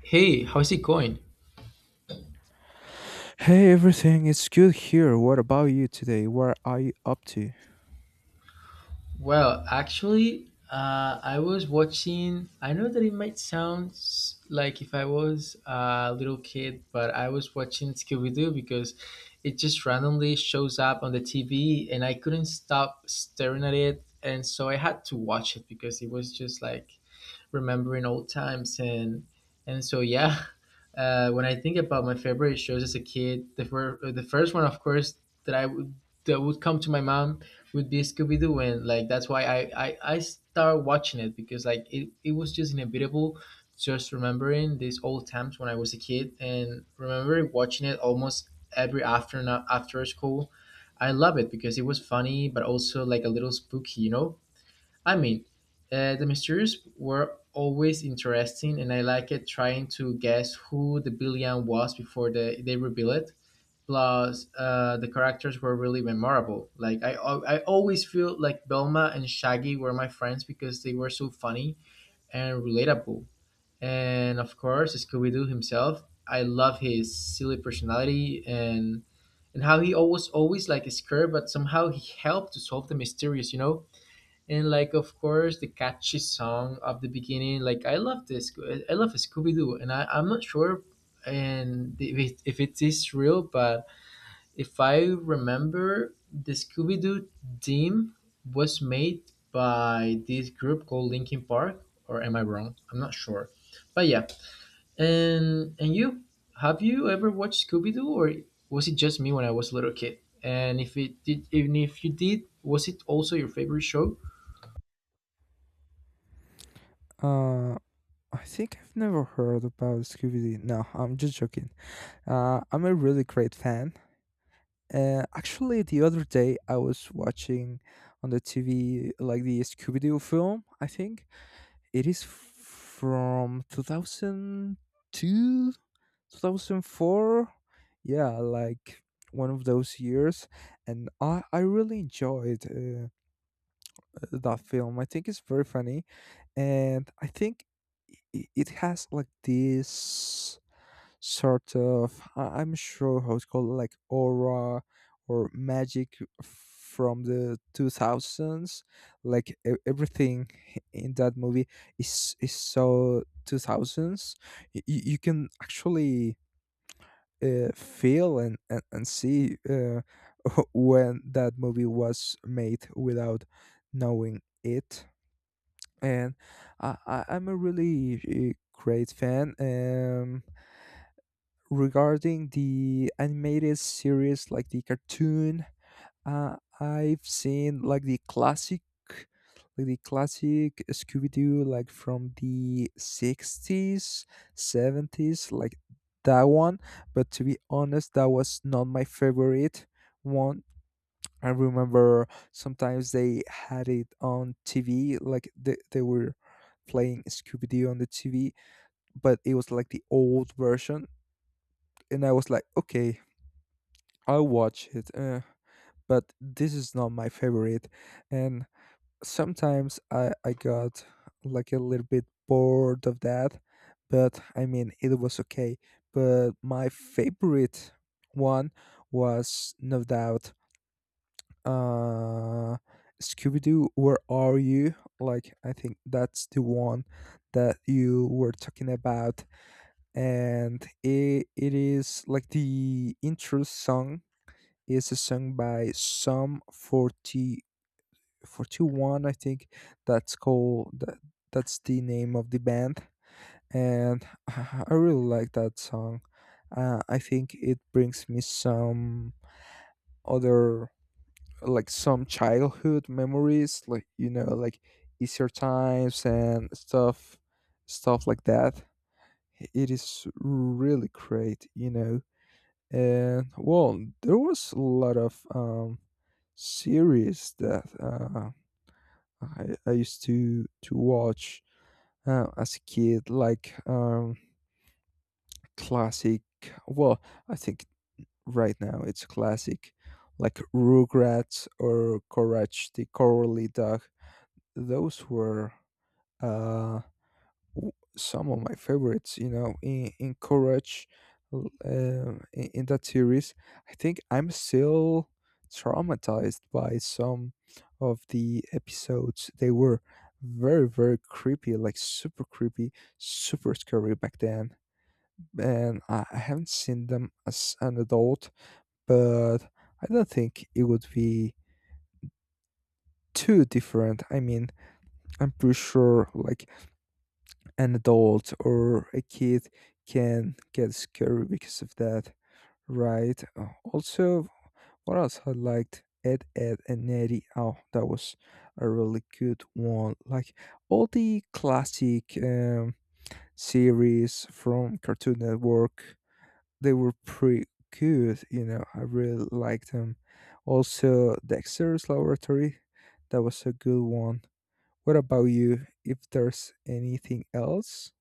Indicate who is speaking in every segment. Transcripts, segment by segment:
Speaker 1: Hey, how's it going?
Speaker 2: Hey, everything is good here. What about you today? What are you up to?
Speaker 1: Well, actually, I was watching. I know that it might sound like if I was a little kid, but I was watching Scooby Doo because it just randomly shows up on the TV and I couldn't stop staring at it. And so I had to watch it because it was just like remembering old times and so yeah. When I think about my favorite shows as a kid, the first one, of course, that i would that would come to my mom would be Scooby-Doo. And like that's why I start watching it, because like it was just inevitable, just remembering these old times when I was a kid and remembering watching it almost every afternoon after school. I love it because it was funny but also like a little spooky. I mean, the mysteries were always interesting, and I liked it trying to guess who the villain was before they reveal it. Plus, the characters were really memorable. Like I always feel like Belma and Shaggy were my friends because they were so funny and relatable. And of course, Scooby Doo himself. I love his silly personality and how he always like is scared, but somehow he helped to solve the mysteries. And like, of course, the catchy song of the beginning. Like I love this, I love Scooby-Doo. And I'm not sure and if it is real, but if I remember, the Scooby-Doo theme was made by this group called Linkin Park, or am I wrong? I'm not sure, but yeah. And you, have you ever watched Scooby-Doo, or was it just me when I was a little kid? And if it did, even if you did, was it also your favorite show?
Speaker 2: Uh, I think I've never heard about Scooby Doo. No, I'm just joking. I'm a really great fan. Actually, the other day I was watching on the TV like the Scooby Doo film. I think it is from 2002, 2004. Yeah, like one of those years, and I really enjoyed that film. I think it's very funny, and I think it has like this sort of — I'm sure how it's called — like aura or magic from the 2000s. Like everything in that movie is so 2000s. You can actually feel and see when that movie was made without knowing it. And I'm a really great fan. Regarding the animated series, like the cartoon, I've seen like the classic, like the classic Scooby-Doo, like from the 60s, 70s, like that one. But to be honest, that was not my favorite one. I remember sometimes they had it on TV, like they were playing Scooby-Doo on the TV, but it was like the old version. And I was like, okay, I'll watch it, but this is not my favorite. And sometimes I got like a little bit bored of that, but I mean, it was okay. But my favorite one was, no doubt, uh, Scooby Doo, Where Are You? Like, I think that's the one that you were talking about. And it is like the intro song is a song by Sum Forty Forty One, I think. That's called, that's the name of the band. And I really like that song. I think it brings me some other, like some childhood memories, like, like easier times and stuff like that. It is really great. And well, there was a lot of series that I used to watch as a kid, like classic. Well, I think right now it's classic, like Rugrats or Courage the Cowardly Dog. Those were uh, some of my favorites, in Courage, in that series. I think I'm still traumatized by some of the episodes. They were very, very creepy, like super creepy, super scary back then. And I haven't seen them as an adult, but I don't think it would be too different. I mean, I'm pretty sure, like, an adult or a kid can get scary because of that, right? Also, what else I liked? Ed, Ed, and Eddie. Oh, that was a really good one. Like all the classic series from Cartoon Network, they were pretty good. You know, I really liked them. Also, Dexter's Laboratory, that was a good one. What about you? If there's anything else?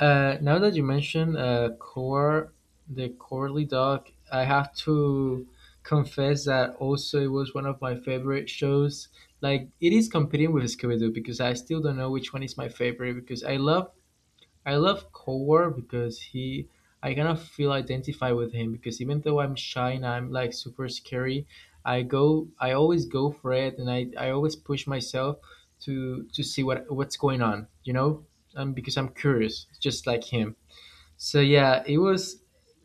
Speaker 1: Now that you mention Core, the Corley Dog, I have to confess that also it was one of my favorite shows. Like it is competing with Scooby Doo because I still don't know which one is my favorite, because I love Coward because he, I kind of feel identified with him. Because even though I'm shy and I'm like super scary, I always go for it, and I always push myself to see what's going on, you know, because I'm curious, just like him. So yeah, it was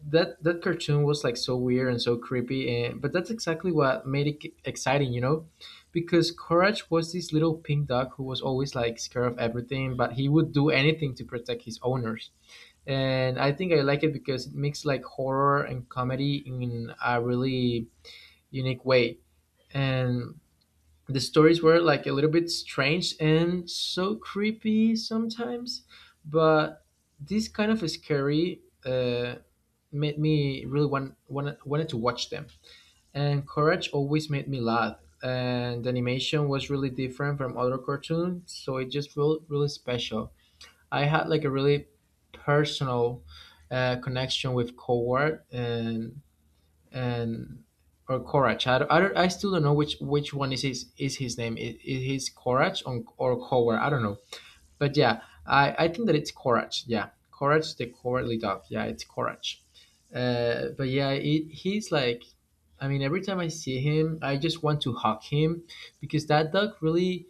Speaker 1: that cartoon was like so weird and so creepy, and but that's exactly what made it exciting, you know, because Courage was this little pink dog who was always like scared of everything, but he would do anything to protect his owners. And I think I like it because it makes like horror and comedy in a really unique way. And the stories were like a little bit strange and so creepy sometimes, but this kind of scary, made me really wanted to watch them. And Courage always made me laugh. And the animation was really different from other cartoons, so it just felt really special. I had like a really personal, connection with Coward and or Courage. I still don't know which one is his name. Is his Courage, or Coward? I don't know. But yeah, I think that it's Courage. Yeah, Courage the Cowardly Dog. Yeah, it's Courage. But yeah, he's like, I mean, every time I see him, I just want to hug him because that dog really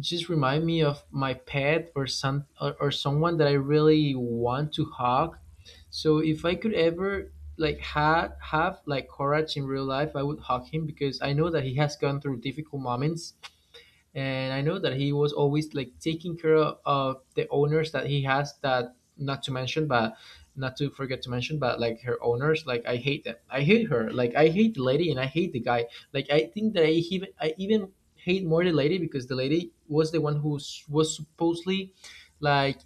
Speaker 1: just remind me of my pet, or some or someone that I really want to hug. So if I could ever like ha have like courage in real life, I would hug him, because I know that he has gone through difficult moments and I know that he was always like taking care of the owners that he has. That, not to mention, but not to forget to mention, but like her owners, like I hate them, I hate her, like I hate the lady and I hate the guy. Like I think that I even hate more the lady, because the lady was the one who was supposedly like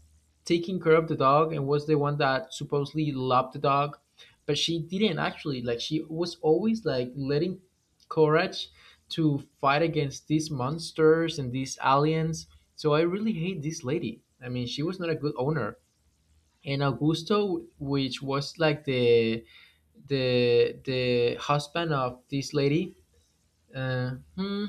Speaker 1: taking care of the dog and was the one that supposedly loved the dog, but she didn't actually. Like she was always like letting courage to fight against these monsters and these aliens. So I really hate this lady. I mean, she was not a good owner. And Augusto, which was like the husband of this lady, uh, hmm,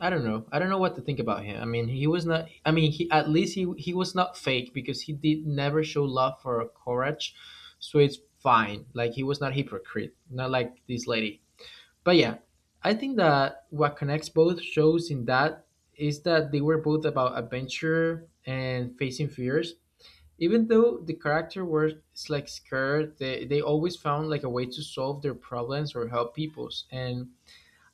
Speaker 1: I don't know. I don't know what to think about him. I mean, he was not. I mean, he, at least he was not fake because he did never show love or courage. So it's fine. Like he was not hypocrite, not like this lady. But yeah, I think that what connects both shows in that is that they were both about adventure and facing fears. Even though the character were like scared, they always found like a way to solve their problems or help people's. And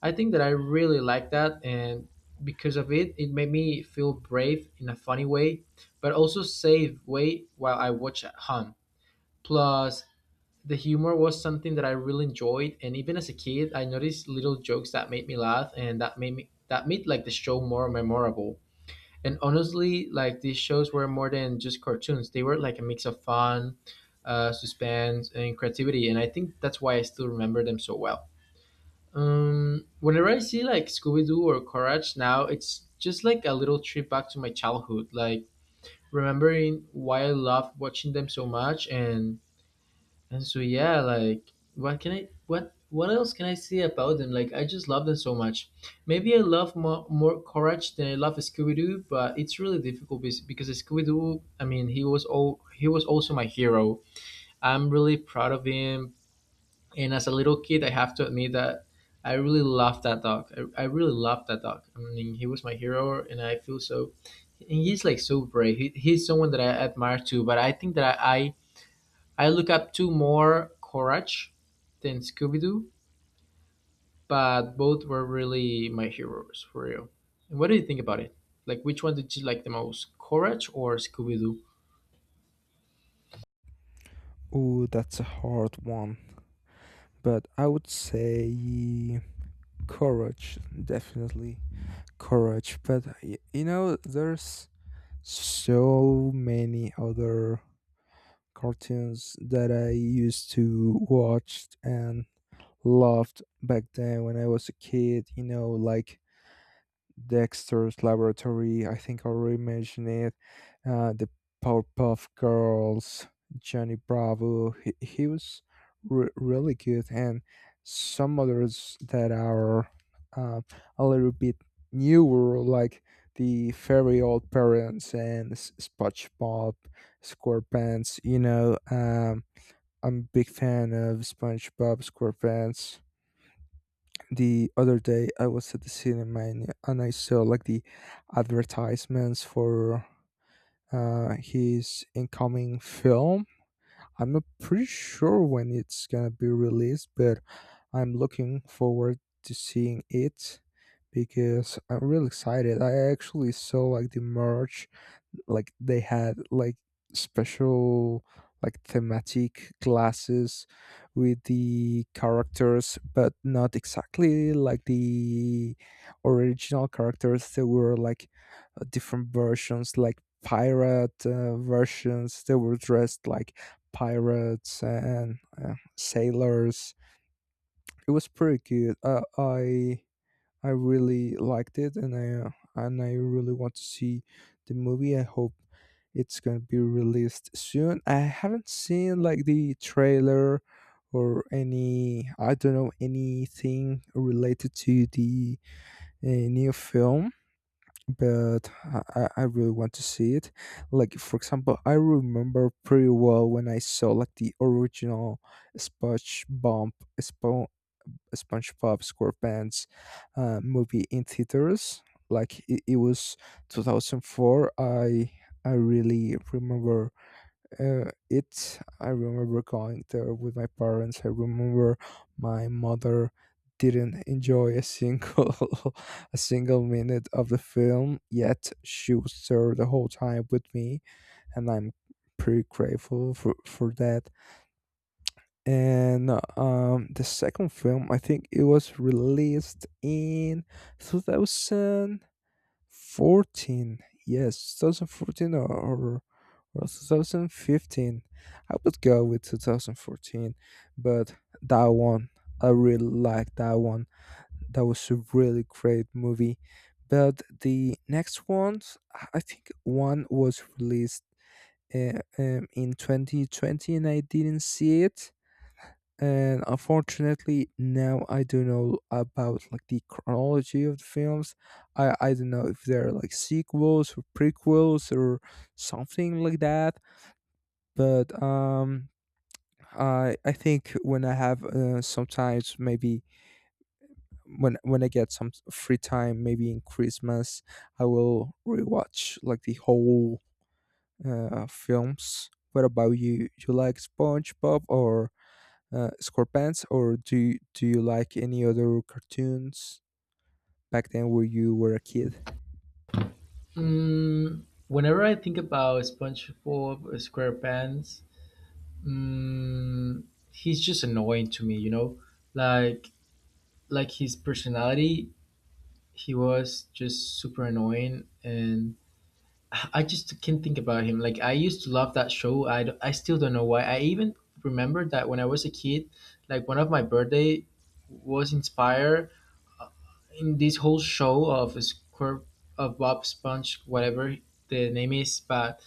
Speaker 1: I think that I really like that, and because of it, it made me feel brave in a funny way, but also safe way while I watch at home. Plus the humor was something that I really enjoyed, and even as a kid, I noticed little jokes that made me laugh, and that made like the show more memorable. And honestly, like these shows were more than just cartoons; they were like a mix of fun, suspense, and creativity. And I think that's why I still remember them so well. Whenever I see like Scooby Doo or Courage now, it's just like a little trip back to my childhood, like remembering why I loved watching them so much. And so yeah, like what else can I say about them? Like I just love them so much. Maybe I love more Courage than I love Scooby Doo, but it's really difficult because Scooby Doo. I mean, he was also my hero. I'm really proud of him. And as a little kid, I have to admit that I really loved that dog. I really loved that dog. I mean, he was my hero, and I feel so. And he's like so brave. He's someone that I admire too. But I think that I look up two more Courage than Scooby Doo, but both were really my heroes for real. And what do you think about it? Like, which one did you like the most, Courage or Scooby Doo?
Speaker 2: Oh, that's a hard one. But I would say courage, definitely courage. But there's so many other cartoons that I used to watch and loved back then when I was a kid, like Dexter's Laboratory, I think I already mentioned it, the Powerpuff Girls, Johnny Bravo. He was really good, and some others that are uh, a little bit newer, like the Fairy Old Parents and SpongeBob SquarePants. You know, I'm a big fan of SpongeBob SquarePants. The other day I was at the cinema, and I saw like the advertisements for his incoming film. I'm not pretty sure when it's gonna be released, but I'm looking forward to seeing it because I'm really excited. I actually saw like the merch, like they had like special, like thematic classes with the characters, but not exactly like the original characters. There were like different versions, like pirate versions. They were dressed like pirates and sailors. It was pretty good. I really liked it, and I really want to see the movie. I hope it's gonna be released soon. I haven't seen like the trailer or any. I don't know anything related to the new film, but I really want to see it. Like for example, I remember pretty well when I saw like the original SpongeBob SpongeBob SquarePants movie in theaters. Like it was 2004. I really remember it. I remember going there with my parents. I remember my mother didn't enjoy a single a single minute of the film. Yet she was there the whole time with me, and I'm pretty grateful for that. And the second film, I think it was released in 2014. Yes, 2014, or 2015. I would go with 2014. But that one, I really like that one. That was a really great movie. But the next ones, I think one was released in 2020, and I didn't see it. And unfortunately now I don't know about like the chronology of the films. I don't know if they're like sequels or prequels or something like that, but I think, when I have sometimes, maybe when I get some free time, maybe in Christmas, I will rewatch like the whole films. What about you? You like SpongeBob, or SquarePants, or do you like any other cartoons back then when you were a kid?
Speaker 1: Mm, whenever I think about SpongeBob SquarePants, mm, he's just annoying to me. You know, like his personality, he was just super annoying, and I just can't think about him. Like I used to love that show. I still don't know why. I even remember that when I was a kid, like one of my birthday was inspired in this whole show of a square, of Bob Sponge, whatever the name is,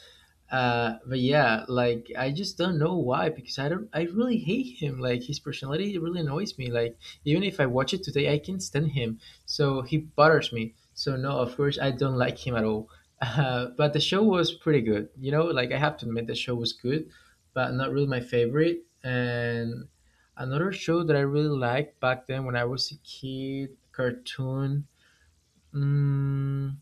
Speaker 1: but yeah, like I just don't know why, because I don't I really hate him. Like his personality really annoys me. Like even if I watch it today, I can't stand him. So he bothers me. So no, of course I don't like him at all. But the show was pretty good. You know, like I have to admit the show was good, but not really my favorite. And another show that I really liked back then when I was a kid, cartoon. Mm,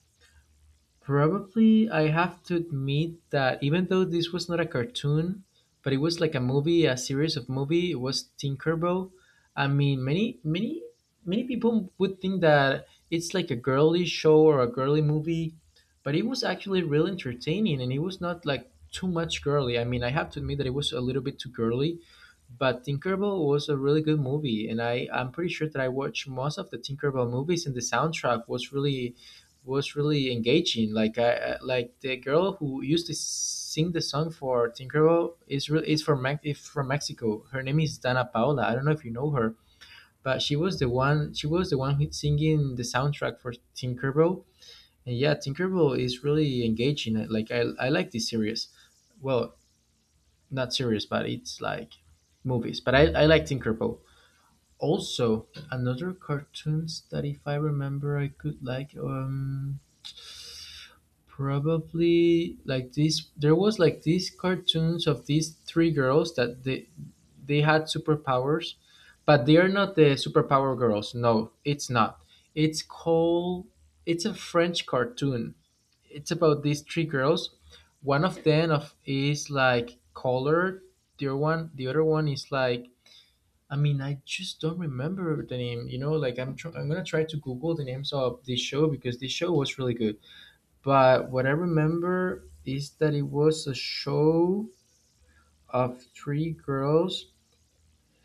Speaker 1: probably, I have to admit that even though this was not a cartoon, but it was like a movie, a series of movie, it was Tinkerbell. I mean, many people would think that it's like a girly show or a girly movie, but it was actually really entertaining and it was not like too much girly. I mean, I have to admit that it was a little bit too girly, but Tinkerbell was a really good movie, and I'm pretty sure that I watched most of the Tinkerbell movies, and the soundtrack was really engaging. Like I like the girl who used to sing the song for Tinkerbell is really is from is from Mexico. Her name is Dana Paola. I don't know if you know her, but she was the one who's singing the soundtrack for Tinkerbell. And yeah, Tinkerbell is really engaging. Like I like this series. Well, not series, but it's like movies. But I like Tinkerbell. Also, another cartoons that if I remember I could like, probably like this. There was like these cartoons of these three girls that they had superpowers, but they are not the superpower girls. No, it's not. It's called. It's a French cartoon. It's about these three girls. One of them of is like colored. The other one is like. I mean, I just don't remember the name. You know, like I'm. I'm gonna try to Google the names of this show because this show was really good, but what I remember is that it was a show of three girls,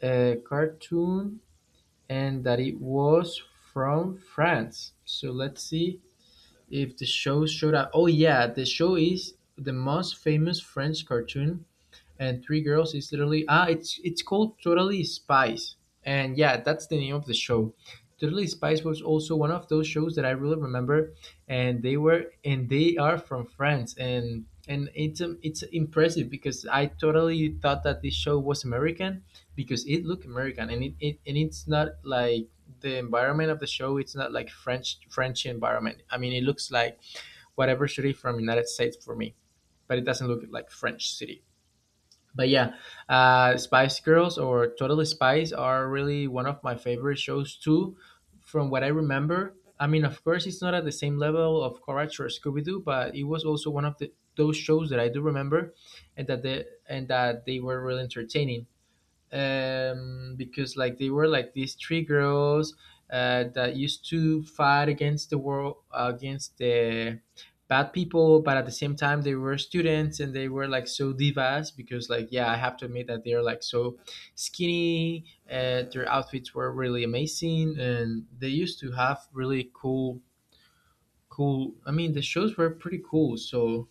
Speaker 1: a cartoon, and that it was from France. So let's see if the show showed up. Oh, yeah, the show is the most famous French cartoon, and Three Girls is literally it's called Totally Spies, and yeah, that's the name of the show. Totally Spies was also one of those shows that I really remember, and they are from France, and it's impressive because I totally thought that this show was American because it looked American, and it's not like the environment of the show. It's not like French environment. I mean, it looks like whatever city from United States for me, but it doesn't look like French city. But yeah, Spice Girls or Totally Spice are really one of my favorite shows too, from what I remember. I mean, of course it's not at the same level of Courage or Scooby-Doo, but it was also one of the those shows that I do remember, and that they were really entertaining, because like they were like these three girls that used to fight against the world, against the bad people, but at the same time they were students and they were like so divas because like yeah, I have to admit that they're like so skinny. Their outfits were really amazing and they used to have really cool. I mean, the shows were pretty cool. So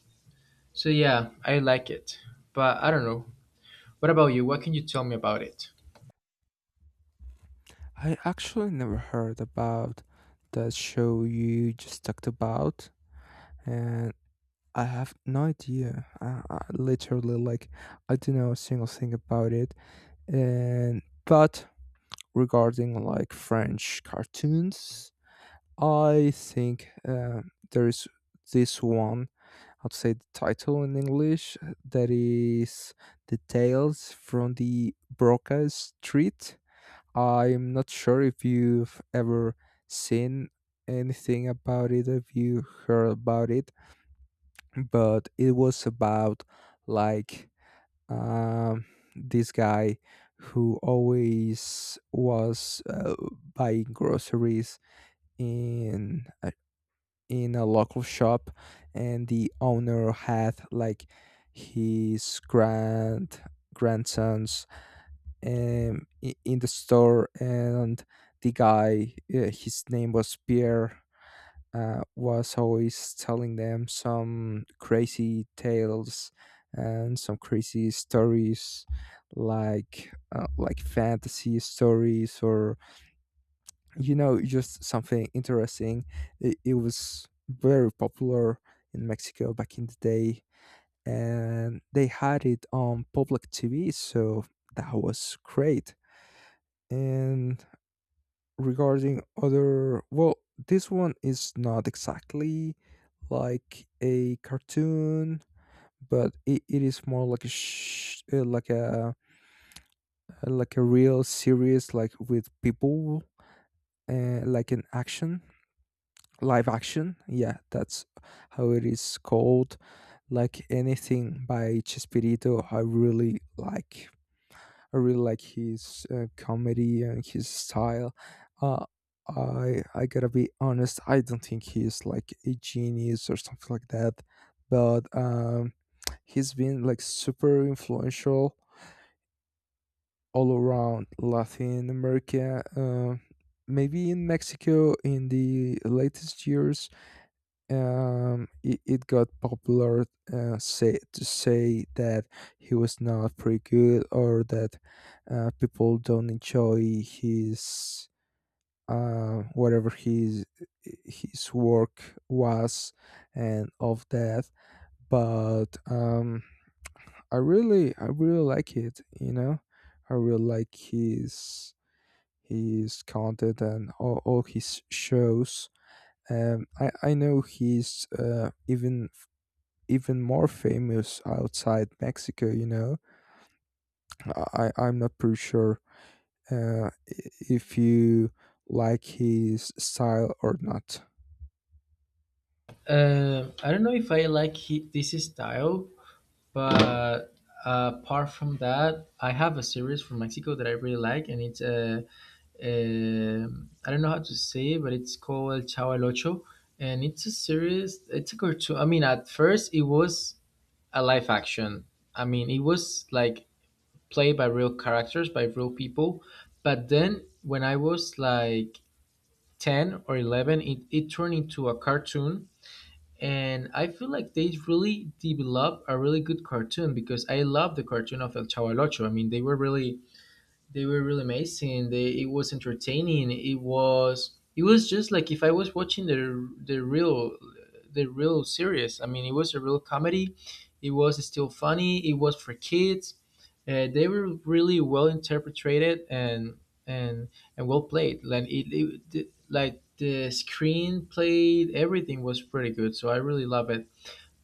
Speaker 1: so yeah, I like it. But I don't know, what about you? What can you tell me about it?
Speaker 2: I actually never heard about that show you just talked about, and I have no idea. I literally like — I don't know a single thing about it. And but regarding like French cartoons, I think there is this one. I'd say the title in English, that is, the Tales from the Broca Street. I'm not sure if you've ever seen anything about it, if you heard about it, but it was about like um, this guy who always was buying groceries in a, in a local shop, and the owner had like his grandsons in the store. And the guy, his name was Pierre, was always telling them some crazy tales and some crazy stories, like like fantasy stories, or just something interesting. It was very popular in Mexico back in the day, and they had it on public TV, so that was great. And regarding other — well, this one is not exactly like a cartoon, but it is more like a like a real series, like with people, like an action, live action. Yeah, that's how it is called. Like, anything by Chespirito I really like. I really like his comedy and his style. Uh, I gotta be honest. I don't think he's like a genius or something like that, but he's been like super influential all around Latin America. Maybe in Mexico in the latest years it got popular. Say To say that he was not pretty good, or that people don't enjoy his whatever his work was. And of that, but I really like it. I really like his content, and all his shows. I know he's even more famous outside Mexico. You know, I'm not pretty sure uh, if you like his style or not.
Speaker 1: I don't know if I like this style, but apart from that, I have a series from Mexico that I really like, and it's I don't know how to say it, but it's called El Chavo El Ocho, and it's a series. It's a cartoon. I mean, at first it was a live action. I mean, it was like played by real characters, by real people, but then when I was like 10 or 11, it turned into a cartoon, and I feel like they really developed a really good cartoon because I love the cartoon of El Chavo del Ocho. I mean, they were really amazing. They It was entertaining. It was just like if I was watching the real the real series. I mean, it was a real comedy. It was still funny. It was for kids. They were really well interpreted, and and well played. Like like the screen played, everything was pretty good. So I really love it.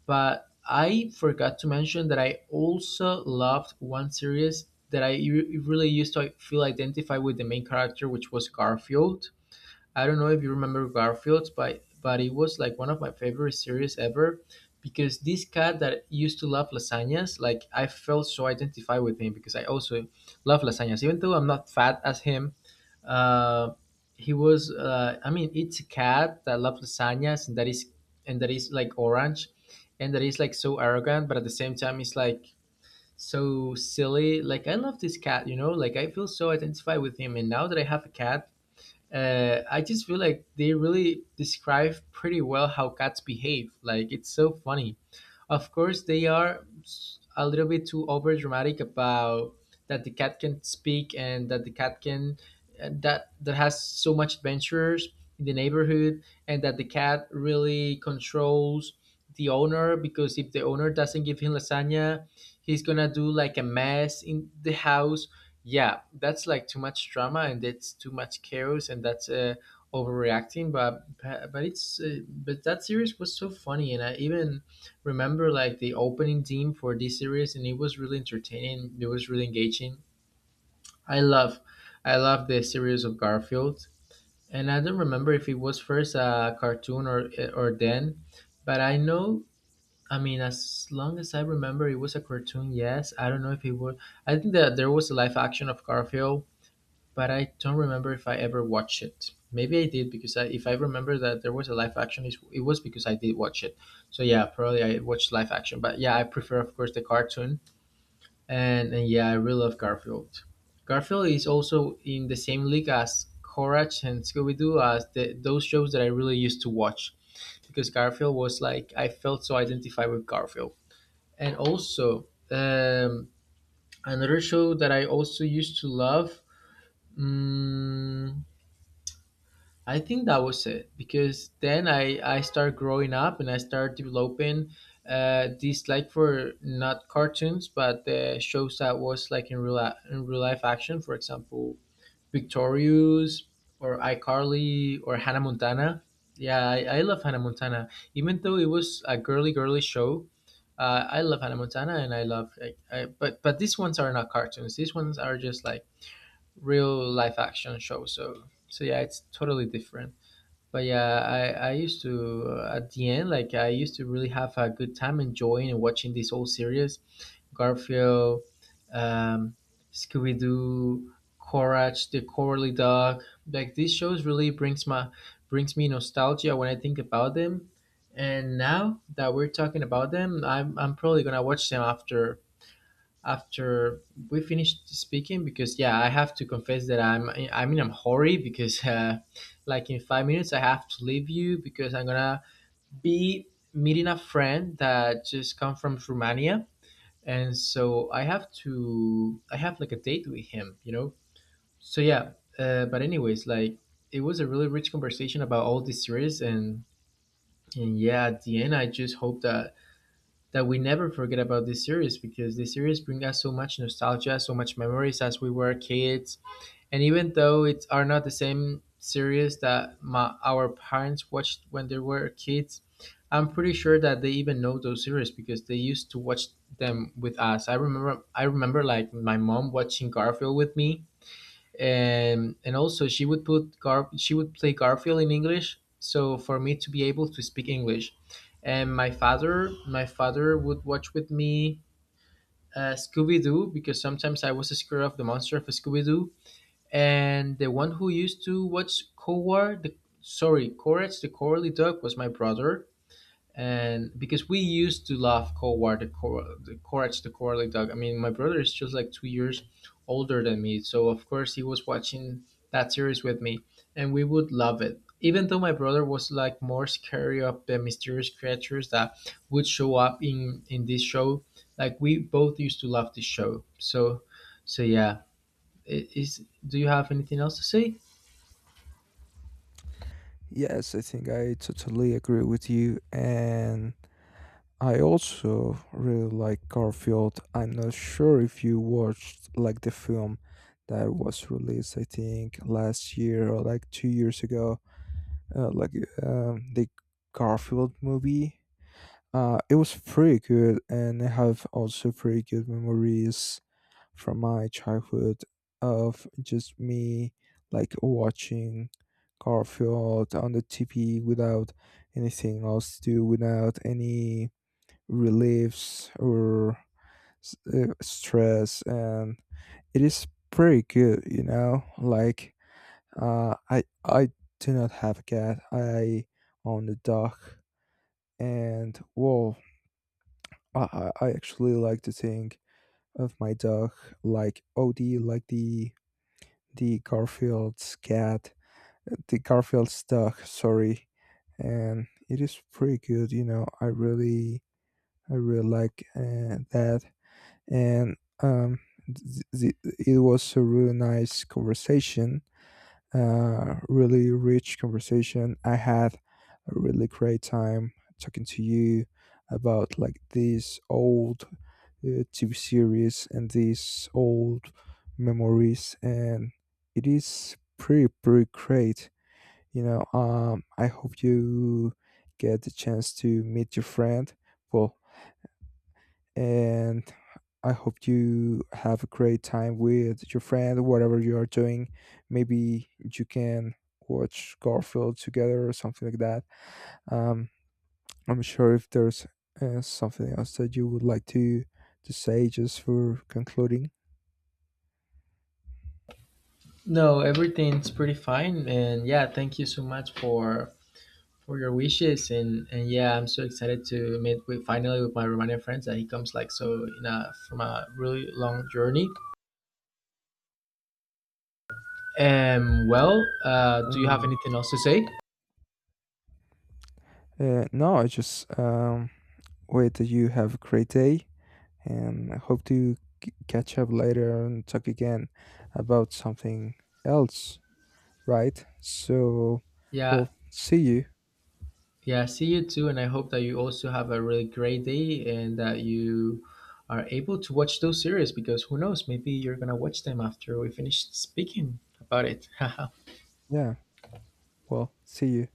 Speaker 1: But I forgot to mention that I also loved one series that really used to feel identified with the main character, which was Garfield. I don't know if you remember Garfield, but it was like one of my favorite series ever because this cat that used to love lasagnas, like I felt so identified with him because I also love lasagnas. Even though I'm not fat as him, uh, he was I mean, it's a cat that loves lasagnas, and that is like orange, and that is like so arrogant, but at the same time it's like so silly. Like I love this cat, you know, like I feel so identified with him. And now that I have a cat, I just feel like they really describe pretty well how cats behave. Like it's so funny. Of course, they are a little bit too over dramatic about that the cat can speak, and that the cat can, that has so much adventures in the neighborhood, and that the cat really controls the owner, because if the owner doesn't give him lasagna, he's gonna do like a mess in the house. Yeah, that's like too much drama and that's too much chaos and that's overreacting. But it's but that series was so funny, and I even remember like the opening theme for this series, and it was really entertaining, it was really engaging. i love I love the series of Garfield. And I don't remember if it was first a cartoon or then, but I know, I mean, as long as I remember, it was a cartoon. Yes, I don't know if it was, I think that there was a live action of Garfield, but I don't remember if I ever watched it. Maybe I did because if I remember that there was a live action, it was because I did watch it. So yeah, probably I watched live action. But yeah, I prefer of course the cartoon, and yeah, I really love Garfield. Garfield is also in the same league as Courage and Scooby Doo as those shows that I really used to watch, because Garfield was like, I felt so identified with Garfield. And also another show that I also used to love. mm I think that was it, because then I start growing up and I start developing dislike for not cartoons, but the shows that was like in in real life action, for example Victorious or iCarly or Hannah Montana. Yeah, I love Hannah Montana, even though it was a girly show. I love Hannah Montana and I love like but these ones are not cartoons, these ones are just like real life action shows, so so yeah, it's totally different. But yeah, I used to at the end, like I used to really have a good time enjoying and watching this whole series: Garfield, um, Scooby Doo, Courage the Cowardly Dog. Like these shows really brings me nostalgia when I think about them. And now that we're talking about them, I'm probably gonna watch them after after we finished speaking, because yeah, I have to confess that I'm I mean I'm hurry because like in 5 minutes I have to leave you because I'm gonna be meeting a friend that just come from Romania, and so I have like a date with him, you know. So yeah, but anyways, like it was a really rich conversation about all these series, and yeah, at the end I just hope that we never forget about this series, because this series brings us so much nostalgia, so much memories as we were kids. And even though it's are not the same series that our parents watched when they were kids, I'm pretty sure that they even know those series because they used to watch them with us. I remember like my mom watching Garfield with me, and also she would put Gar she would play Garfield in English so for me to be able to speak English. And my father would watch with me Scooby Doo, because sometimes I was scared of the monster of Scooby Doo. And the one who used to watch Coward the sorry Courage the Cowardly Dog was my brother, and because we used to love Coward, the, Cor- the Courage the Cowardly Dog. I mean, my brother is just like 2 years older than me, so of course he was watching that series with me, and we would love it. Even though my brother was like more scary of the mysterious creatures that would show up in this show, like we both used to love this show. So, so yeah. I- Is Do you have anything else to say?
Speaker 2: Yes, I think I totally agree with you. And I also really like Garfield. I'm not sure if you watched like the film that was released, I think, last year or like 2 years ago, uh, like the Garfield movie. It was pretty good, and I have also pretty good memories from my childhood of just me like watching Garfield on the TV without anything else to do, without any reliefs or stress, and it is pretty good, you know. Like, I do not have a cat. I own a dog, and whoa, I actually like to think of my dog like OD, like the Garfield's cat, the Garfield's dog. Sorry, and it is pretty good. You know, I really like that, and um, it was a really nice conversation, really rich conversation. I had a really great time talking to you about like these old TV series and these old memories, and it is pretty pretty great. You know, I hope you get the chance to meet your friend. Well, and I hope you have a great time with your friend, whatever you are doing. Maybe you can watch Garfield together or something like that. Um, I'm sure if there's something else that you would like to say just for concluding.
Speaker 1: No, everything's pretty fine, and yeah, thank you so much for your wishes, and yeah, I'm so excited to meet with finally with my Romanian friends that he comes like so in a from a really long journey. Well, do you have
Speaker 2: Um,
Speaker 1: anything else to say?
Speaker 2: no, I just wait that you have a great day, and I hope to catch up later and talk again about something else. Right? So,
Speaker 1: Yeah,
Speaker 2: well, see you.
Speaker 1: yeah, see you too, and I hope that you also have a really great day and that you are able to watch those series, because who knows, maybe you're gonna watch them after we finish speaking about it.
Speaker 2: Yeah, well, see you.